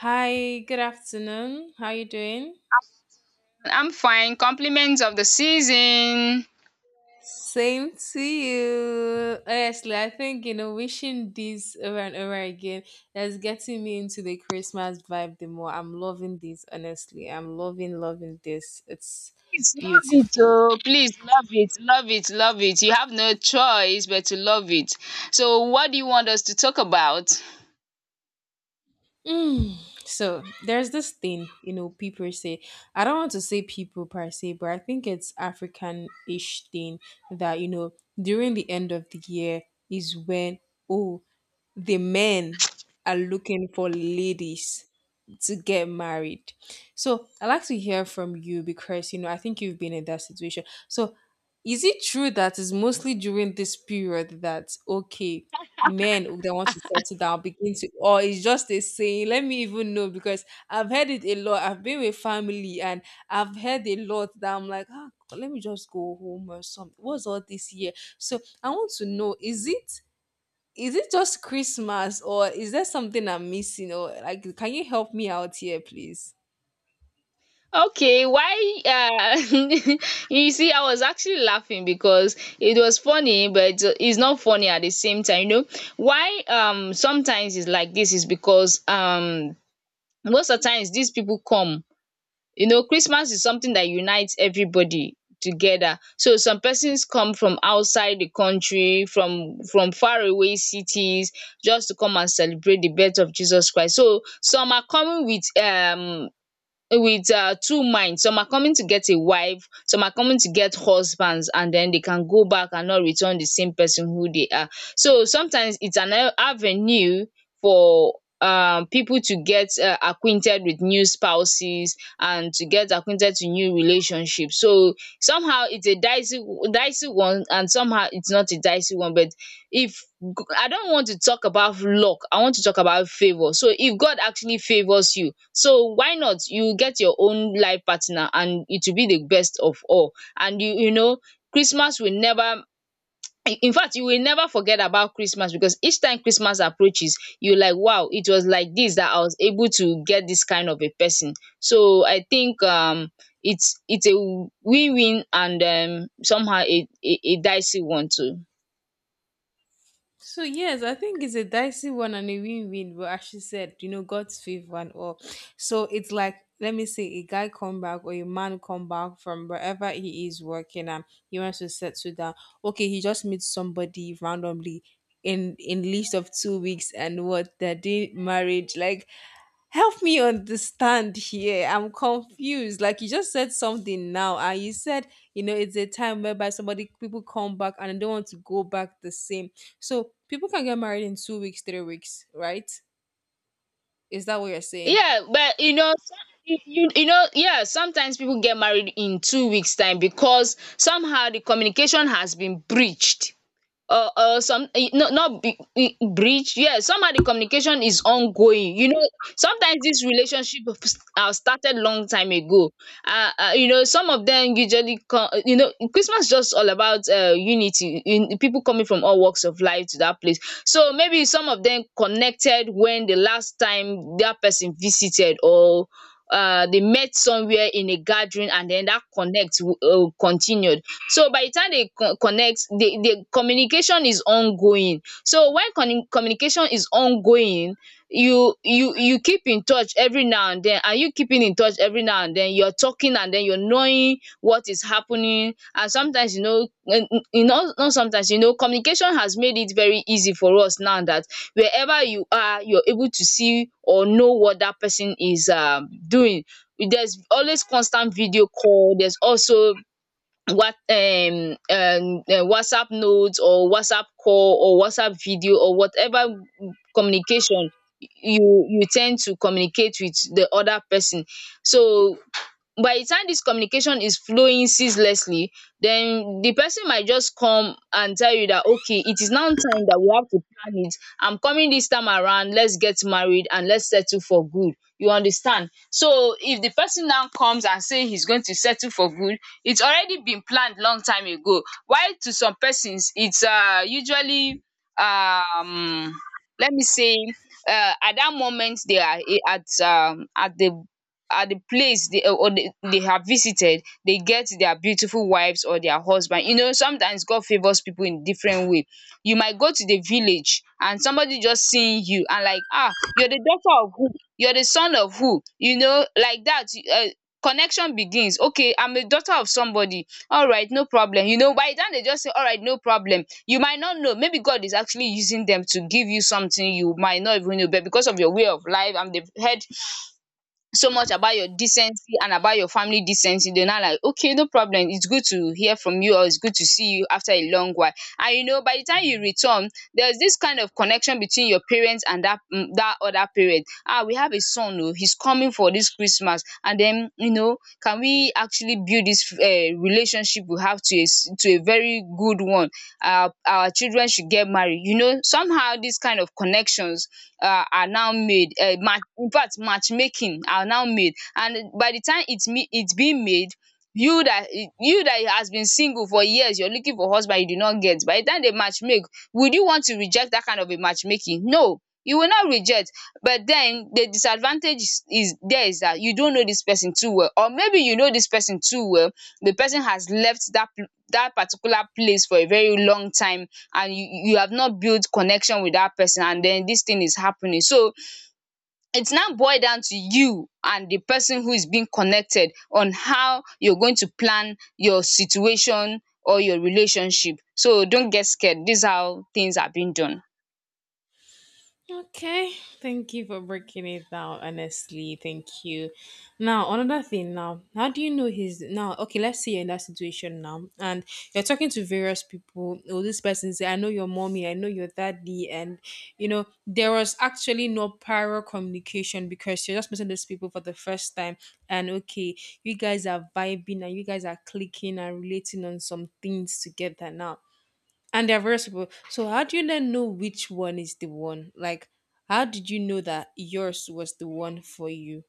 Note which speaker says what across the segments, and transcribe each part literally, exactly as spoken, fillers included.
Speaker 1: Hi, good afternoon. How you doing?
Speaker 2: I'm fine. Compliments of the season.
Speaker 1: Same to you. Honestly, I think you know, wishing this over and over again that's getting me into the Christmas vibe the more. I'm loving this, honestly. I'm loving, loving this. It's
Speaker 2: Please love it,
Speaker 1: beautiful.
Speaker 2: oh. Please love it, love it, love it. You have no choice but to love it. So, what do you want us to talk about?
Speaker 1: Mm. So there's this thing, you know, people say, I don't want to say people per se, but I think it's African ish thing that, you know, during the end of the year is when, oh, the men are looking for ladies to get married. So I'd like to hear from you because you know I think you've been in that situation. So is it true that it's mostly during this period that okay men who they want to settle down begin to, or it's just a saying? Let me even know, because I've heard it a lot. I've been with family and I've heard a lot that I'm like, ah, let me just go home or something. What's all this year? So I want to know, is it, is it just Christmas, or is there something I'm missing? Or like, can you help me out here, please?
Speaker 2: Okay, why? Uh, you see, I was actually laughing because it was funny, but it's not funny at the same time. You know why? Um, sometimes it's like this is because um, most of the times these people come. You know, Christmas is something that unites everybody together, so some persons come from outside the country, from from far away cities, just to come and celebrate the birth of Jesus Christ. So some are coming with um with um two minds. Some are coming to get a wife, some are coming to get husbands, and then they can go back and not return the same person who they are. So sometimes it's an a- avenue for um people to get um acquainted with new spouses and to get acquainted to new relationships. So somehow it's a dicey dicey one, and somehow it's not a dicey one. But if g- I don't want to talk about luck, I want to talk about favor. So if God actually favors you, so why not you get your own life partner, and it will be the best of all. And you you know, Christmas will never, in in fact, you will never forget about Christmas, because each time Christmas approaches, you like, wow, it was like this that I was able to get this kind of a person. So I think, um it's it's a win-win, and um somehow a a, a dicey one too.
Speaker 1: So yes, I think it's a dicey one and a win-win. But as she said, you know, God's favor and all. So it's like let me say a guy come back or a man come back from wherever he is working and he wants to settle down. Okay, he just meets somebody randomly in in least of two weeks and what they're doing marriage. Like, help me understand here. I'm confused. Like you just said something now, and you said, you know, it's a time whereby somebody people come back and they don't want to go back the same, so people can get married in two weeks, three weeks, right? Is that what you're saying?
Speaker 2: Yeah, but you know, some- you, you you know, yeah, sometimes people get married in two weeks' time because somehow the communication has been breached. Uh uh, some eh, no, not be e- breach, yeah, somehow the communication is ongoing, you know. Sometimes this relationship of s- uh, started long time ago. uh, uh you know, some of them usually come. You know, Christmas just all about uh unity in people coming from all walks of life to that place. So maybe some of them connected when the last time that person visited, or um they met somewhere in a gathering, and then that connect um continued. So by the time they co- connect, the the communication is ongoing. So when con- communication is ongoing, you you you keep in touch every now and then, and you keeping in touch every now and then, you're talking, and then you're knowing what is happening. And sometimes, you know, n- n- you know, not sometimes, you know, communication has made it very easy for us now that wherever you are, you're able to see or know what that person is um doing. There's always constant video call, there's also what, um, um uh, WhatsApp notes, or WhatsApp call, or WhatsApp video, or whatever communication, you you tend to communicate with the other person. So by the time this communication is flowing ceaselessly, then the person might just come and tell you that okay, it is now time that we have to plan it. I'm coming this time around, let's get married and let's settle for good, you understand. So if the person now comes and say he's going to settle for good, it's already been planned long time ago. While to some persons, it's um usually, um let me say, um at that moment, they are eh, at, um at the at the place they uh, or they they have visited, they get their beautiful wives or their husband. You know, sometimes God favours people in different way. You might go to the village and somebody just seeing you and like, ah, you're the daughter of who, you're the son of who. You know, like that, um connection begins. Okay, I'm a daughter of somebody, alright, no problem. You know, by then they just say alright, no problem. You might not know, maybe God is actually using them to give you something, you might not even know. But because of your way of life, and they've heard so much about your decency and about your family decency, they're not like, okay, no problem, it's good to hear from you, or it's good to see you after a long while. And you know, by the time you return, there's this kind of connection between your parents and that, mm, that other parent. Ah, we have a son, oh, he's coming for this Christmas. And then, you know, can we actually build this um relationship we have to a s- to a very good one. Our our children should get married. You know, somehow these kind of connections uh, are now made. Uh, match In fact, matchmaking are now made. And by the time it's me it's being made, you that you that has been single for years, you're looking for husband, you do not get. By the time they match make, would you want to reject that kind of a matchmaking? No, you will not reject. But then the disadvantage is, is there is that you don't know this person too well, or maybe you know this person too well. The person has left that pl- that particular place for a very long time, and you you have not built connection with that person, and then this thing is happening. So it's now boiled down to you and the person who is being connected, on how you're going to plan your situation or your relationship. So don't get scared, this is how things are being done.
Speaker 1: Okay, thank you for breaking it down. Honestly, thank you. Now, another thing. Now, how do you know he's now? Okay, let's say you're in that situation now, and you're talking to various people. Oh, this person say, "I know your mommy, I know your daddy," and you know there was actually no prior communication because you're just meeting these people for the first time, and okay, you guys are vibing and you guys are clicking and relating on some things together now and they're versatile. So how do you then know which one is the one? Like, how did you know that yours was the one for you?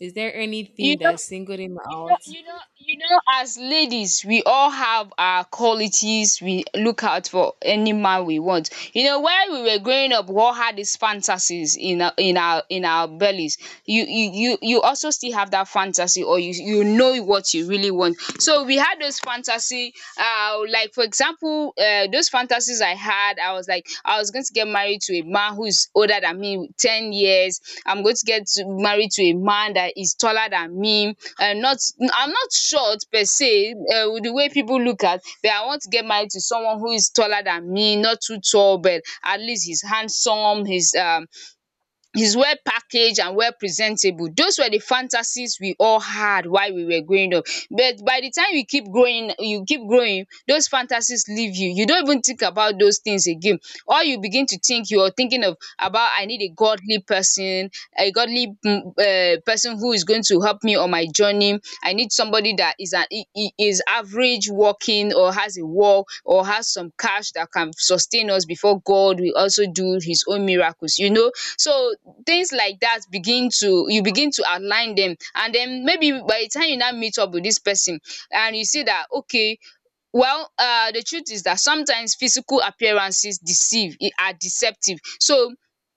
Speaker 1: Is there
Speaker 2: You
Speaker 1: anything
Speaker 2: know,
Speaker 1: that singled him
Speaker 2: you know
Speaker 1: out?
Speaker 2: you know you know as ladies, we all have our qualities we look out for any man we want. You know, when we were growing up, we all had these fantasies in our in our in our bellies. You you you you also still have that fantasy, or you you know what you really want. So we had those fantasy, uh like, for example, people uh, those fantasies I had. I was like, I was going to get married to a man who is older than me ten years. I'm going to get to- married to a man that is taller than me. Uh, not, I'm not short per se. Uh, with the way people look at, but I want to get married to someone who is taller than me, not too tall, but at least he's handsome. He's um is well packaged and well presentable. Those were the fantasies we all had while we were growing up. But by the time you keep growing, you keep growing, those fantasies leave you. You don't even think about those things again. All you begin to think you are thinking of about, I need a godly person, a godly um person who is going to help me on my journey. I need somebody that is an I- I- is average working, or has a work, or has some cash that can sustain us before God will also do his own miracles, you know. So things like that begin to, you begin to outline them. And then maybe by the time you now meet up with this person, and you see that okay. Well, um the truth is that sometimes physical appearances deceive e- are deceptive. So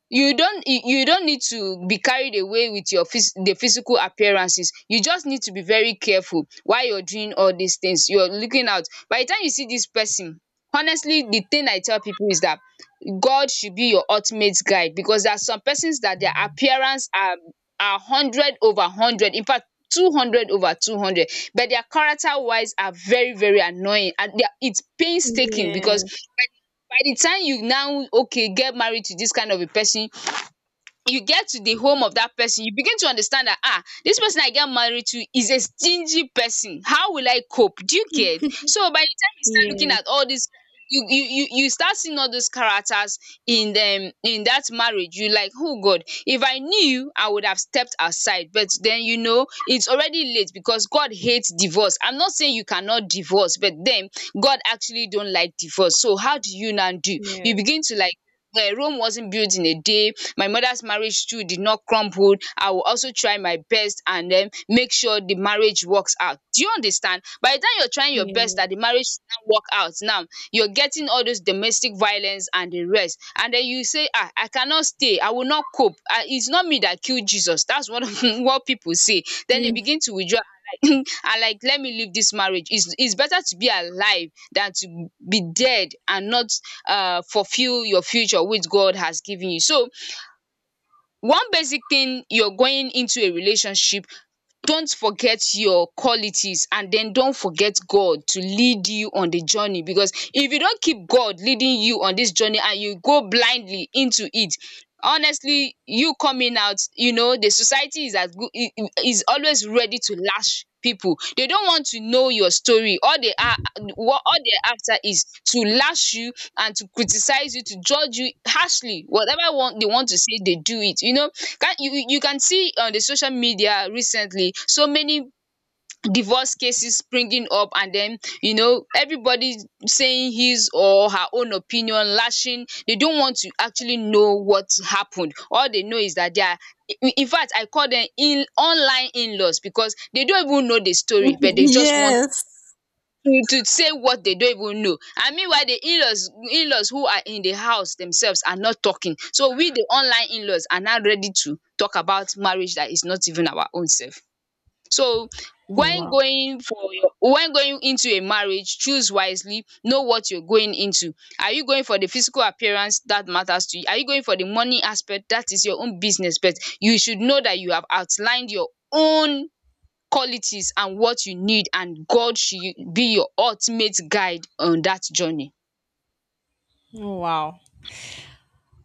Speaker 2: you don't you you don't need to be carried away with your phys the physical appearances. You just need to be very careful while you're doing all these things. You're looking out. By the time you see this person, honestly, the thing I tell people is that God should be your ultimate guide, because there are some persons that their appearance are are hundred over hundred. In fact, two hundred over two hundred, but their character wise are very very annoying, and they are it's painstaking. Because
Speaker 1: Yes,
Speaker 2: by the by the time you now, okay, get married to this kind of a person, you get to the home of that person, you begin to understand that, ah, this person I get married to is a stingy person. How will I cope? Do you get? So by the time you start looking
Speaker 1: yes,
Speaker 2: at all this, you you you, you start seeing all those characters in them, in that marriage. You like, oh God, if I knew, I would have stepped aside. But then you know it's already late because God hates divorce. I'm not saying you cannot divorce, but then God actually don't like divorce. So how do you now do?
Speaker 1: yes,
Speaker 2: You begin to like, where Rome wasn't built in a day. My mother's marriage too did not crumble. I will also try my best and then make sure the marriage works out. Do you understand? By the time you're trying your best that
Speaker 1: yes,
Speaker 2: the marriage now work out now, you're getting all those domestic violence and the rest. And then you say, ah, I cannot stay. I will not cope. Ah, it's not me that killed Jesus. That's what what people say. Then they begin to withdraw and like let me leave this marriage, it's it's better to be alive than to be dead and not uh fulfill your future which God has given you. So one basic thing, you're going into a relationship, don't forget your qualities, and then don't forget God to lead you on the journey, because if you don't keep God leading you on this journey and you go blindly into it, honestly, you coming out, you know the society is as good, is always ready to lash people. They don't want to know your story. all they are what all they're after is to lash you and to criticize you, to judge you harshly. Whatever want they want to say, they do it, you know. Can't you you you can see on the social media recently so many divorce cases springing up, and then you know everybody saying his or her own opinion, lashing. They don't want to actually know what happened. All they know is that they are, in in fact I call them in online in-laws, because they don't even know the story, but they just want to
Speaker 1: yes.
Speaker 2: to say what they don't even know. And meanwhile the in-laws, in-laws who are in the house themselves, are not talking. So we, the online in-laws, are now ready to talk about marriage that is not even our own self. So when
Speaker 1: Wow.
Speaker 2: going for your when going into a marriage, choose wisely, know what you're going into. Are you going for the physical appearance that matters to you? Are you going for the money aspect? That is your own business, but you should know that you have outlined your own qualities and what you need, and God should be your ultimate guide on that journey.
Speaker 1: Wow.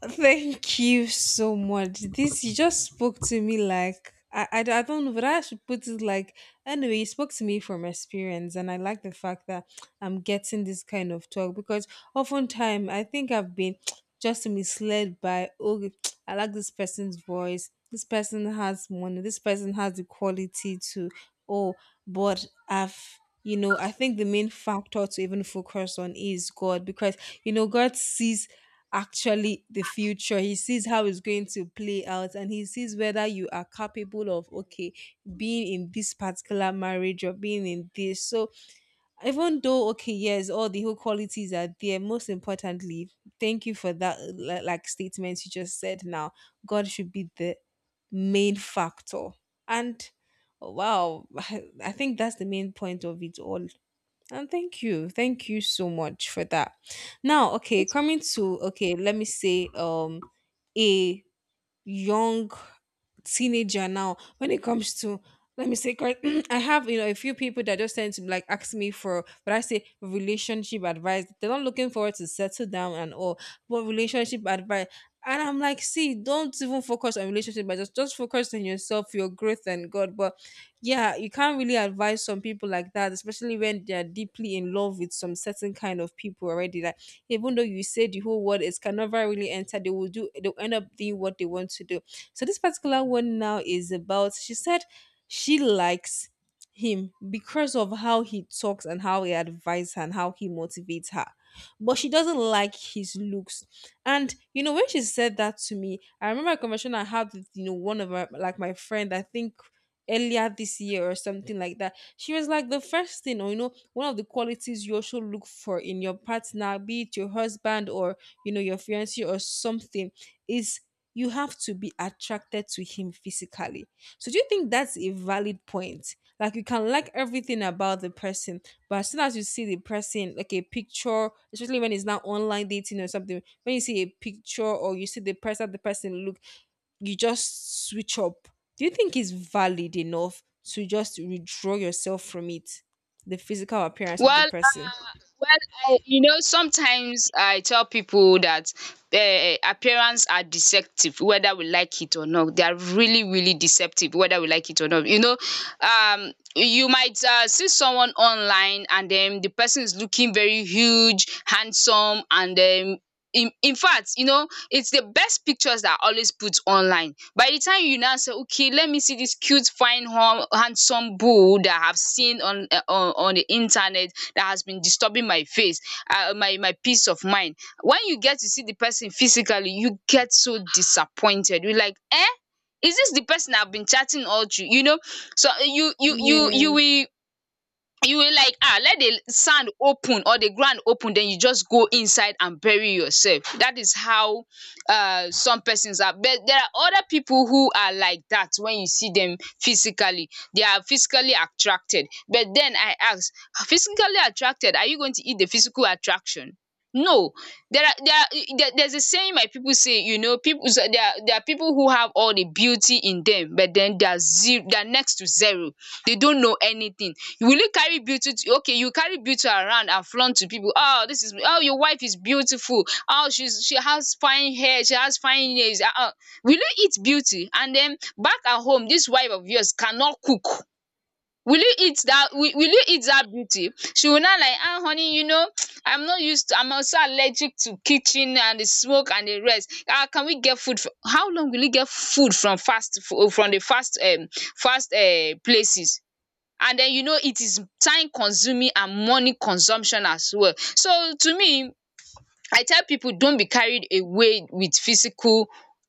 Speaker 1: Thank you so much. This you just spoke to me like I, I, I don't know, but I should put it like anyway. You spoke to me from experience, and I like the fact that I'm getting this kind of talk because oftentimes I think I've been just misled by, oh, I like this person's voice. This person has money. This person has the quality to, oh, but I've, you know, I think the main factor to even focus on is God, because you know God sees actually the future. He sees how it's going to play out and he sees whether you are capable of, okay, being in this particular marriage or being in this. So, even though, okay, yes, all the whole qualities are there, most importantly, thank you for that, li- like, statement you just said now. God should be the main factor. And, oh, wow, I think that's the main point of it all. And thank you. Thank you so much for that. Now, okay, coming to, okay, let me say um a young teenager now when it comes to, let me say, correct I have, you know, a few people that just tend to like ask me for, but I say relationship advice. They're not looking forward to settle down and all, but relationship advice. And I'm like, see, don't even focus on relationship, but just just focus on yourself, your growth, and God. But yeah, you can't really advise some people like that, especially when they're deeply in love with some certain kind of people already. Like, even though you say the whole word is, cannot really enter, they will do, they'll end up doing what they want to do. So this particular one now is about, she said she likes him because of how he talks and how he advises her and how he motivates her. But she doesn't like his looks. And you know, when she said that to me, I remember a conversation I had with, you know, one of my like my friend, I think earlier this year or something like that. She was like the first thing, or you know, one of the qualities you also look for in your partner, be it your husband or you know your fiance or something, is you have to be attracted to him physically. So do you think that's a valid point? Like, you can like everything about the person, but as soon as you see the person, like a picture, especially when it's now online dating or something, when you see a picture or you see the person, the person look, you just switch up. Do you think it's valid enough to just withdraw yourself from it? The physical appearance of the
Speaker 2: Well
Speaker 1: person.
Speaker 2: Well, I, you know, sometimes I tell people that um appearance are deceptive whether we like it or not. They are really, really deceptive whether we like it or not. You know, um you might um see someone online, and then the person is looking very huge, handsome, and um in in fact, you know, it's the best pictures that are always put online. By the time you now say, okay, let me see this cute, fine, hum handsome bull that I've seen on um on on the internet, that has been disturbing my face, uh, my my peace of mind, when you get to see the person physically, you get so disappointed. You're like, eh, is this the person I've been chatting all through? You know, so uh, you you you you
Speaker 1: Yes.
Speaker 2: will, you will like, ah, let the sand open or the ground open, then you just go inside and bury yourself. That is how uh some persons are. But there are other people who are like that: when you see them physically, they are physically attracted. But then I ask, physically attracted, are you going to eat the physical attraction? No. There are there are there, there's a saying my people say, you know people, so there are there are people who have all the beauty in them, but then they are zero, they are next to zero. They don't know anything. Will you carry beauty to, okay, you carry beauty around and flaunt to people. Oh, this is, oh, your wife is beautiful. Oh, she's, she has fine hair, she has fine nails. Uh-uh. Will you eat beauty? And then back at home, this wife of yours cannot cook. Will you eat that? Will, will you eat that beauty? She will not like, ah, honey, you know, I'm not used to, I'm also allergic to kitchen and the smoke and the rest. Ah, can we get food? For, how long will you get food from fast, fo- from the fast, um, fast uh, places? And then you know it is time consuming and money consumption as well. So to me, I tell people, don't be carried away with physical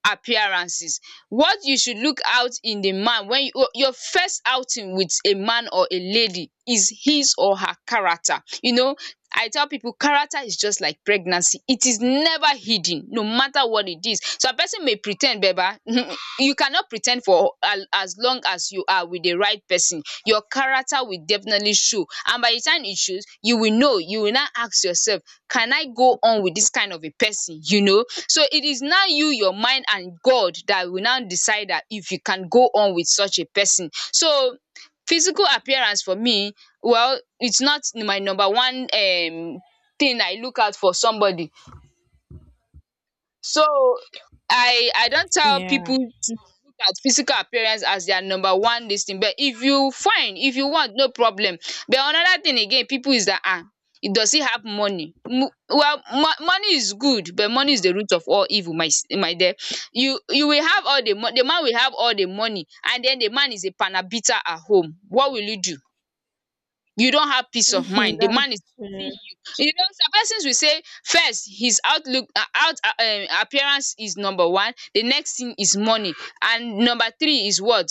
Speaker 2: appearances. What you should look out in a man when you your first outing with a man or a lady is his or her character. You know, I tell people character is just like pregnancy. It is never hidden no matter what it is. Some person may pre ten d baba you cannot pre ten d for al- as long as you are with the right person, your character will definitely show. And by the time it shows, you will know, you will now ask yourself, can I go on with this kind of a person? You know, so it is now you, your mind, and God that will now decide that if you can go on with such a person. So physical appearance for me, well, it's not my number one um thing I look out for somebody. So I I don't tell
Speaker 1: Yeah.
Speaker 2: people to look at physical appearance as their number one dis thing. But if you find, if you want, no problem. But another thing again, people, is that, um does he have money? Um well, mo- money is good, but money is the root of all evil, my s- my dear. You you will have all the money, the man will have all the money, and then the man is a panabita at home. What will you do? You don't have peace of mind, the
Speaker 1: That's
Speaker 2: man is beating
Speaker 1: true.
Speaker 2: you. You know, some persons will say, first his outlook, uh, out uh, um appearance is number one, the next thing is money, and number three is what?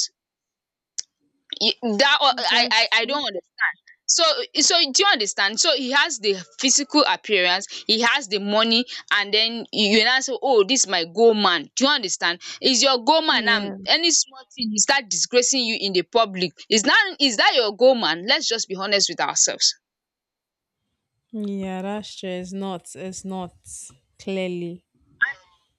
Speaker 2: E- that o- I I
Speaker 1: That's
Speaker 2: I
Speaker 1: true.
Speaker 2: don't understand. So, so do you understand? So he has the physical appearance, he has the money, and then you, you now say, oh, this my goal man. Do you understand? Is your goal man now
Speaker 1: Yeah.
Speaker 2: any small thing he start disgracing you in the public? Is that, is that your goal man? Let's just be honest with ourselves.
Speaker 1: Yeah, that's true. It's not. It's not clearly,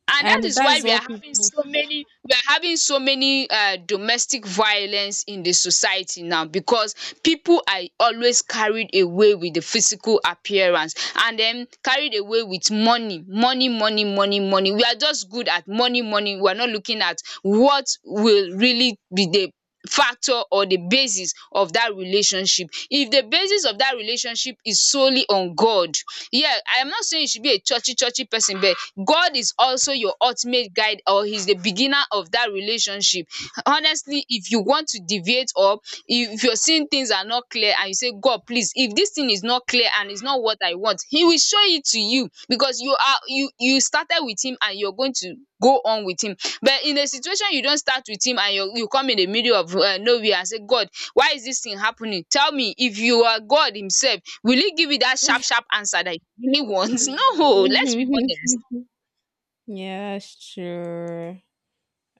Speaker 2: And
Speaker 1: and
Speaker 2: that is why
Speaker 1: that's
Speaker 2: we are
Speaker 1: what
Speaker 2: having
Speaker 1: people.
Speaker 2: so many, we are having so many uh, domestic violence in the society now, because people are always carried away with the physical appearance, and then carried away with money, money, money, money, money. We are just good at money, money. We are not looking at what will really be the factor or the basis of that relationship. If the basis of that relationship is solely on God, yeah, I am not saying you should be a churchy, churchy person, but God is also your ultimate guide, or He's the beginner of that relationship. Honestly, if you want to deviate, or if you're seeing things are not clear and you say, God, please, if this thing is not clear and it's not what I want, He will show it to you, because you are, you you started with Him and you're going to go on with Him. But in a situation you don't start with Him, and you, you come in the middle of uh, nowhere and say, God, why is this thing happening? Tell me. If you are God Himself, will He give you that sharp, sharp answer that you really want? No, let's be honest.
Speaker 1: Yeah, that's true.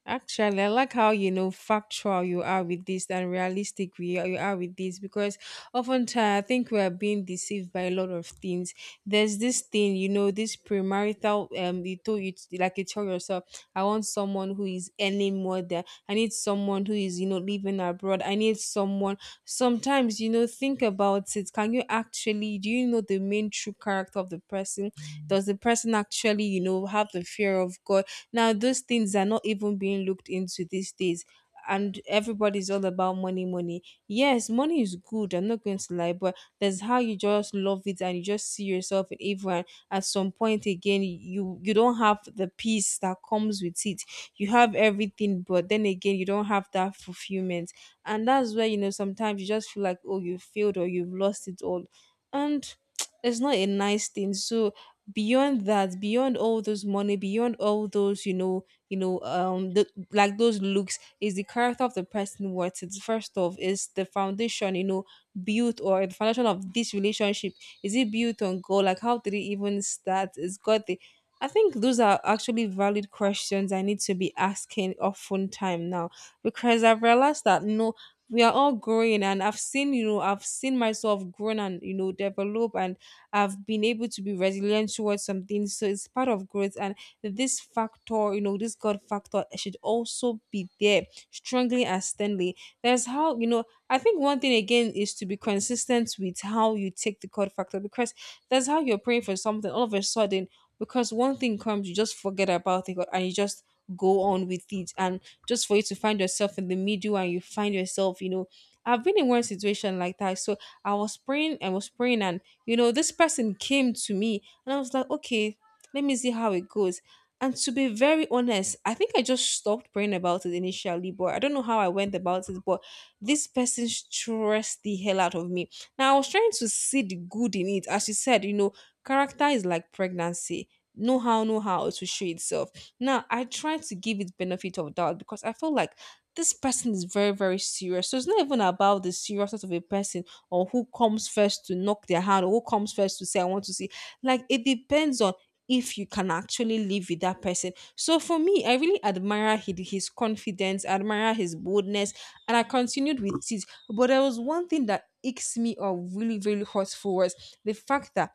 Speaker 1: Actually, I like how you know factual you are with this and realistic we you are with this because oftentimes I think we are being deceived by a lot of things. There's this thing, you know, this premarital um you told you, like, you tell yourself, I want someone who is earning more than. I need someone who is, you know, living abroad. I need someone sometimes, you know, think about it. Can you actually, do you know the main true character of the person? Does the person actually, you know, have the fear of God? Now, those things are not even being looked into these days. And everybody's all about money, money. Yes, money is good. I'm not going to lie, but there's how you just love it and you just see yourself in everyone. At some point again, you you don't have the peace that comes with it. You have everything, but then again, you don't have that fulfillment. And that's where you know sometimes you just feel like, oh, you failed or you've lost it all, and it's not a nice thing. So, beyond that, beyond all those money, beyond all those, you know, you know, um the, like, those looks, is the character of the person. What it first of, is the foundation, you know, built, or the foundation of this relationship, is it built on God? Like, how did it even start? Is God the, I think those are actually valid questions I need to be asking often time now, because I've realized that you know we are all growing and I've seen, you know, I've seen myself grown and you know develop. And I've been able to be resilient towards something. So it's part of growth. And this factor, you know, this God factor should also be there strongly and sternly. That's how, you know, I think one thing again is to be consistent with how you take the God factor, because that's how you're praying for something. All of a sudden, because one thing comes, you just forget about it and you just go on with it. And just for you to find yourself in the middle and you find yourself, you know, I've been in one situation like that. So I was praying, I was praying, and you know, this person came to me and I was like, okay, let me see how it goes. And to be very honest, I think I just stopped praying about it initially, but I don't know how I went about it. But this person stressed the hell out of me. Now, I was trying to see the good in it. As you said, you know, character is like pregnancy. Know how, know how to show itself. Now, I tried to give it benefit of doubt because I feel like this person is very, very serious. So it's not even about the seriousness of a person or who comes first to knock their hand or who comes first to say I want to see. Like, it depends on if you can actually live with that person. So for me, I really admire his, his confidence. I admire his boldness and I continued with it. But there was one thing that icks me or really really hurtful, was the fact that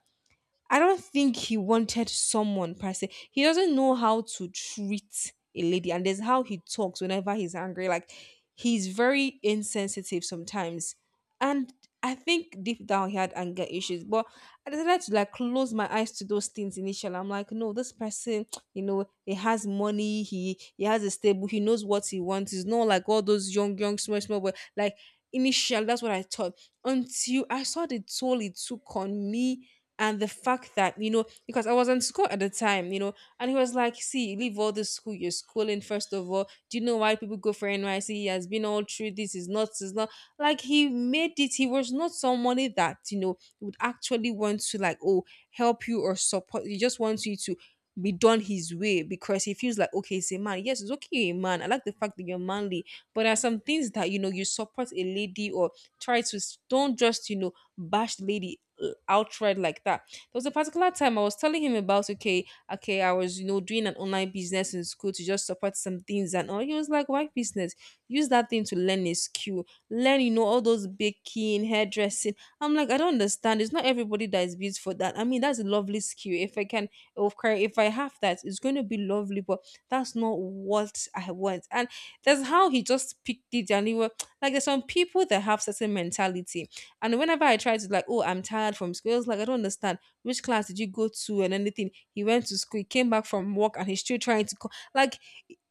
Speaker 1: I don't think he wanted someone per se. He doesn't know how to treat a lady, and there's how he talks whenever he's angry. Like he's very insensitive sometimes, and I think deep down he had anger issues. But I decided to like close my eyes to those things initially. I'm like, no, this person, you know, he has money, he he has a stable, he knows what he wants. He's not like all those young, young, small, small, boy. Like initially that's what I thought until I saw the toll it took on me and the fact that you know because I was in school at the time you know. And he was like, see, leave all this school, you're schooling. First of all, do you know why people go for nyc? He has been all through this. Is not is not like he made it. He was not somebody that you know would actually want to like, oh, help you or support. He just wants you to be done his way because he feels like, okay, he's a man. Yes, it's okay you're a man, I like the fact that you're manly, but there are some things that you know you support a lady or try to s- don't just you know bash the lady uh, outright like that. There was a particular time I was telling him about, okay, okay, I was you know doing an online business in school to just support some things and all. He was like, why business? Use that thing to learn a skill, learn you know all those baking, hairdressing. I'm like, I don't understand. It's not everybody that is built for that. I mean, that's a lovely skill. If I can, of course, if I have that, it's going to be lovely. But that's not what I want. And that's how he just picked it. And he was like, there's some people that have certain mentality, and whenever I try to like, oh, I'm tired from school, I was like, I don't understand. Which class did you go to and anything? He went to school, he came back from work, and he's still trying to call. Like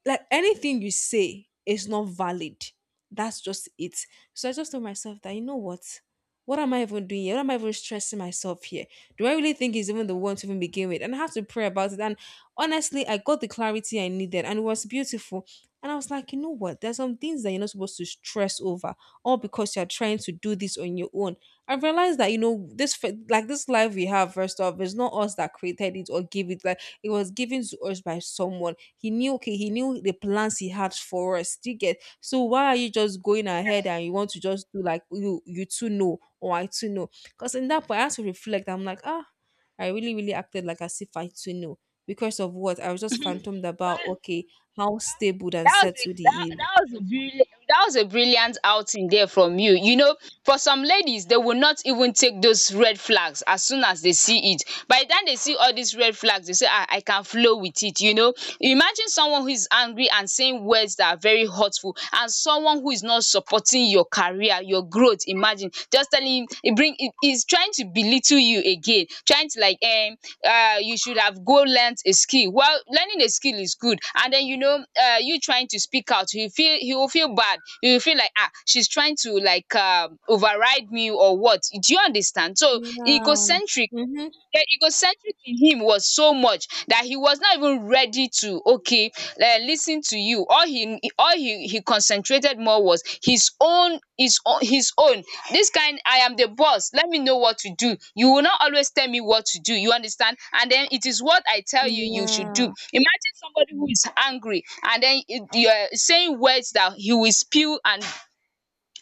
Speaker 1: like anything you say is not valid. That's just it. So I just told myself that you know what? What am I even doing here? What am I even stressing myself here? Do I really think he's even the one to even begin with? And I have to pray about it. And honestly, I got the clarity I needed and it was beautiful. And I was like, you know what? There's some things that you're not supposed to stress over, all because you're trying to do this on your own. I realized that you know this, f- like this life we have, first off, it's not us that created it or gave it. Like it was given to us by someone. He knew, okay, he knew the plans he had for us. Do you get? So why are you just going ahead and you want to just do like you you two know or I too know? Because in that point, I had to reflect. I'm like, ah, I really, really acted like as if I too know. Because of what? I was just phantomed about okay, how stable and
Speaker 2: That was a
Speaker 1: settled
Speaker 2: that,
Speaker 1: he is.
Speaker 2: that was a brilliant that was a brilliant outing there from you, you know. For some ladies, they will not even take those red flags as soon as they see it. By the time they see all these red flags, they say, ah, I can flow with it, you know. Imagine someone who is angry and saying words that are very hurtful, and someone who is not supporting your career, your your growth. Imagine just telling him, he bring he he's trying to belittle you, again trying to like, um um you should have go learnt a skill. Well, learning a skill is good, and then you know, um you trying to speak out, he feel he will feel bad, he will feel like, um she's trying to like um override me, or what? Do you understand? So
Speaker 1: Yeah.
Speaker 2: egocentric.
Speaker 1: Mm-hmm.
Speaker 2: The egocentric in him was so much that he was not even ready to, okay, uh, listen to you. All he all he, he concentrated more was his own, his own his own. This kind, I am the boss. Let me know what to do. You will not always tell me what to do. You understand? And then it is what I tell you, you should do.
Speaker 1: Yeah.
Speaker 2: Imagine somebody who is angry and then, eh, you are saying words that he will spew, and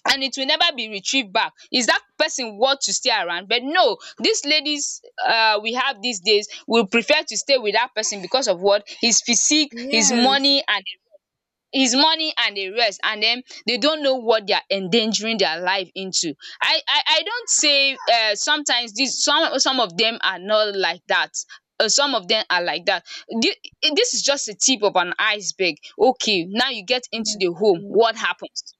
Speaker 2: and it will never be retrieved back. Is that person worth to stay around? But no, these ladies uh, we have these days will prefer to stay with that person because of what? His physique, his
Speaker 1: Yes.
Speaker 2: money, and his money and the rest. And then they don't know what they are endangering their life into. i i, I don't say, uh, sometimes these, some some of them are not like that, uh, some of them are like that. Thi- this is just the tip of an iceberg. Okay, now you get into
Speaker 1: That's
Speaker 2: the home,
Speaker 1: true.
Speaker 2: what happens?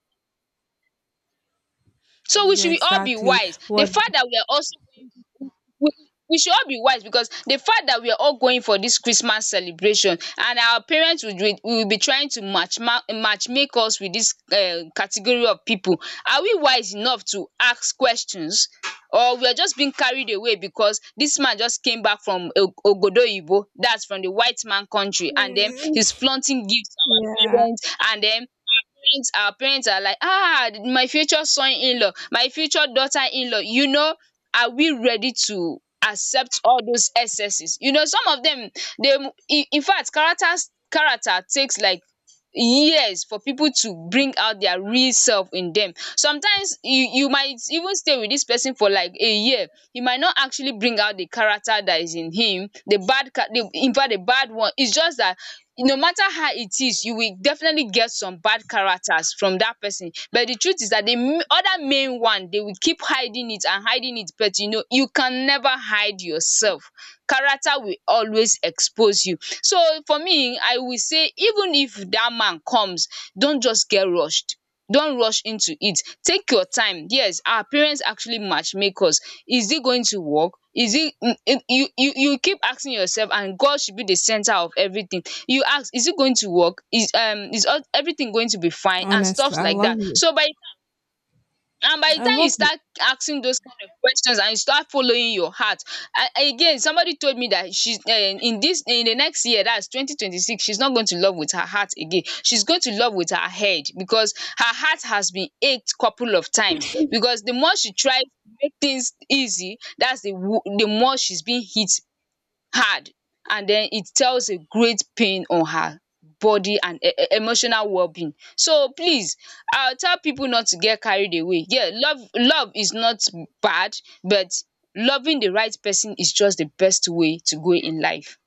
Speaker 2: So we
Speaker 1: Yeah,
Speaker 2: should be all be
Speaker 1: exactly.
Speaker 2: wise. The
Speaker 1: What?
Speaker 2: fact that we are also we we should all be wise, because the fact that we are all going for this Christmas celebration, and our parents would will will be trying to match ma match make us with this um category of people. Are we wise enough to ask questions? Or we are just being carried away because this man just came back from o obodo oyinbo, that's from the white man country, and then
Speaker 1: Mm.
Speaker 2: he's flaunting gifts to our
Speaker 1: Yeah.
Speaker 2: parents, and then parents our parents are like, ah, my future son in law, my future daughter in law, you know. Are we ready to accept all those excesses? You know, some of them, they, in in fact characters character takes like, yes, for people to bring out their real self in them, sometimes you, you might even stay with this person for like a year, you might not actually bring out the character that is in him, the bad cha- the in fact the bad one. It's just that no matter how it is, you will definitely get some bad characters from that person. But the truth is that the m- other main one, they will keep hiding it and hiding it. But you know, you can never hide yourself, character will always expose you. So for me, I will say, even if dat man comes, don't just get rushed, don't rush into it, take your time. Yes, our parents actually matchmake us. Is it going to work? Is it mm, mm, you you you keep asking yourself, and God should be the center of everything. You ask, is it going to work? Is um is all- everything going to be fine and
Speaker 1: Honestly,
Speaker 2: stuffs
Speaker 1: I
Speaker 2: like
Speaker 1: love
Speaker 2: dat?
Speaker 1: you.
Speaker 2: So by And by the
Speaker 1: I
Speaker 2: time you
Speaker 1: love you.
Speaker 2: start asking those kind of questions and you start following your heart, a again, somebody told me that she's, um in this, in the next year, that's twenty twenty six, she's not going to love with her heart again. She's going to love with her head, because her heart has been ached couple of times. Because the more she tries to make things easy, that's the wo the more she's being hit hard, and then it tells a great pain on her body and e- e- emotional well-being. So please, I tell people not to get carried away. Yeah, love love is not bad, but loving the right person is just the best way to go in life.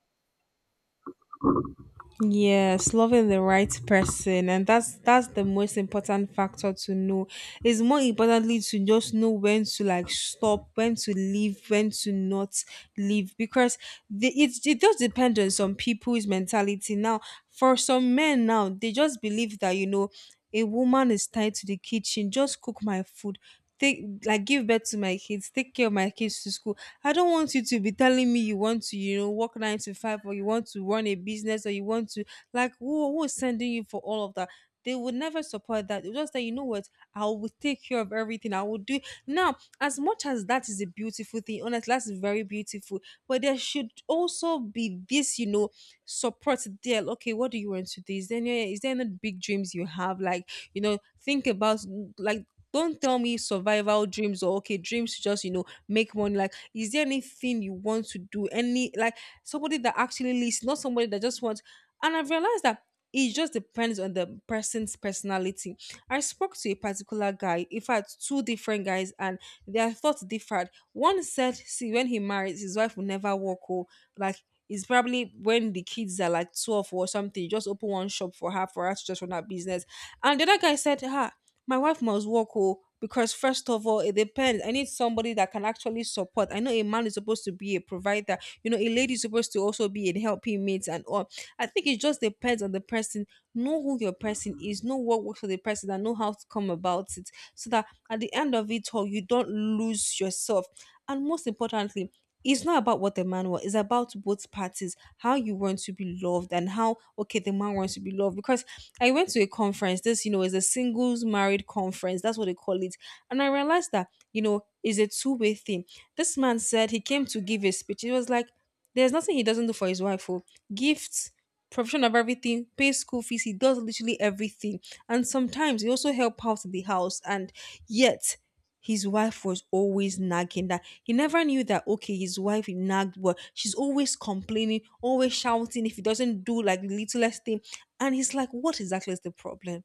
Speaker 1: Yes, loving the right person, and that's that's the most important factor to know. It's more importantly to just know when to like stop, when to leave, when to not leave, because the, it it does depend on some people's mentality. Now, for some men now, they just believe that you know a woman is tied to the kitchen, just cook my food, take like give birth to my kids, take care of my kids to school. I don't want you to be telling me you want to, you know, work nine to five or you want to run a business or you want to, like, who, who is sending you for all of that? They would never support that. They would just say, you know what, I will take care of everything. I will do. Now, as much as that is a beautiful thing, honestly, that's very beautiful. But there should also be this, you know, support there. Okay, what do you want to do? Is there, any- is there any big dreams you have? Like, you know, think about, like, don't tell me survival dreams or okay dreams to just you know make money like is there anything you want to do? Any like somebody that actually listens, not somebody that just wants. And I've realized that it just depends on the person's personality. I spoke to a particular guy, in fact, two different guys, and their thoughts differed. One said, see, when he marries, his wife will never walk home. Like it's probably when the kids are like twelve or something, you just open one shop for her for her to just run her business. And the other guy said, ah, my wife must work oh, because first of all, it depends. I need somebody that can actually support. I know a man is supposed to be a provider. You know, a lady is supposed to also be a helping mate and all. I think it just depends on the person. Know who your person is. Know what works for the person and know how to come about it, so that at the end of it all, you don't lose yourself. And most importantly, it's not about what the man wants. It's about both parties, how you want to be loved and how okay the man wants to be loved. Because I went to a conference. This, you know, is a singles married conference. That's what they call it. And I realized that, you know, is a two-way thing. This man said he came to give a speech. It was like there's nothing he doesn't do for his wife. Oh. Gifts, provision of everything, pay school fees, he does literally everything. And sometimes he also help out in the house. And yet his wife was always nagging that he never knew that okay, his wife nagged, but she's always complaining, always shouting if he doesn't do like the littlest thing. And he's like, what exactly is the problem?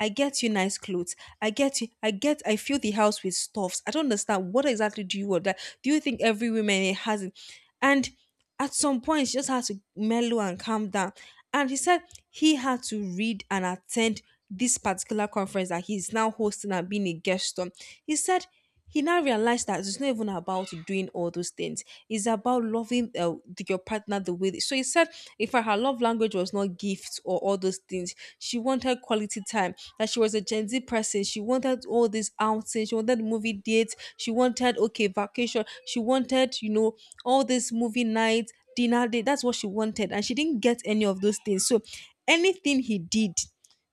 Speaker 1: I get you nice clothes. I get you. I get. I fill the house with stuffs. I don't understand. What exactly do you want? That do you think every woman has it? And at some point she just had to mellow and calm down and he said he had to read and attend this particular conference that he's now hosting and being a guest on. He said he now realized that it's not even about doing all those things. It's about loving uh, the- your partner the way. They, so he said, in fact, her love language was not gifts or all those things. She wanted quality time. That she was a Gen Z person. She wanted all these outings. She wanted movie dates. She wanted okay vacation. She wanted you know all this movie nights, dinner date. That's what she wanted. And she didn't get any of those things. So anything he did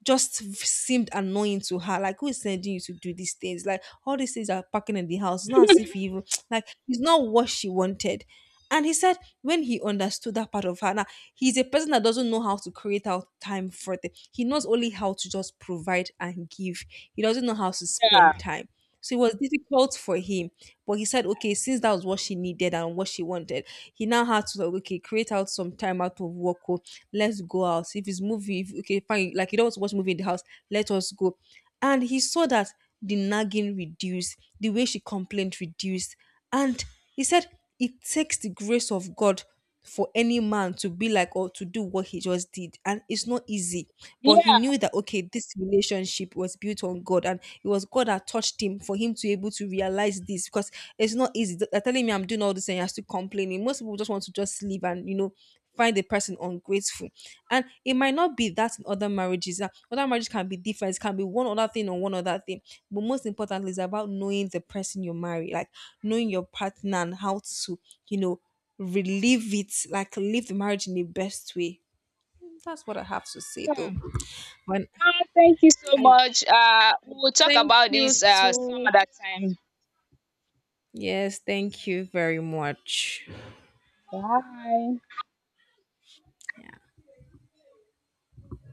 Speaker 1: just seemed annoying to her. Like, who is sending you to do these things? Like, all these things are packing in the house. It's not as if he even, like, it's not what she wanted. And he said when he understood that part of her, now he's a person that doesn't know how to create out time for the. He knows only how to just provide and give. He doesn't know how to spend time. So it was difficult for him. But he said, okay, since that was what she needed and what she wanted, he now had to like, okay, create out some time out of work. Oh, let's go out. If it's movie, if, okay, fine. Like you don't want to watch movie in the house, let us go. And he saw that the nagging reduced, the way she complained reduced, and he said it takes the grace of God for any man to be like or to do what he just did, and it's not easy. But he
Speaker 2: Yeah.
Speaker 1: knew that okay this relationship was built on God, and it was God that touched him for him to able to realize this. Because it's not easy. Th- they're telling me I'm doing all this and you're still complaining. Most people just want to just leave and you know find the person ungrateful. And it might not be that in other marriages. Uh, other marriages can be different, it can be one other thing or one other thing. But most importantly is about knowing the person you marry, like knowing your partner and how to, you know, relive it, like live the marriage in the best way. That's what I have to say though.
Speaker 2: Hmm.
Speaker 1: When
Speaker 2: Ah, thank you so
Speaker 1: I
Speaker 2: much, um we will talk
Speaker 1: thank
Speaker 2: about
Speaker 1: you
Speaker 2: this um some
Speaker 1: too.
Speaker 2: other time.
Speaker 1: Yes, thank you very much.
Speaker 2: Bye.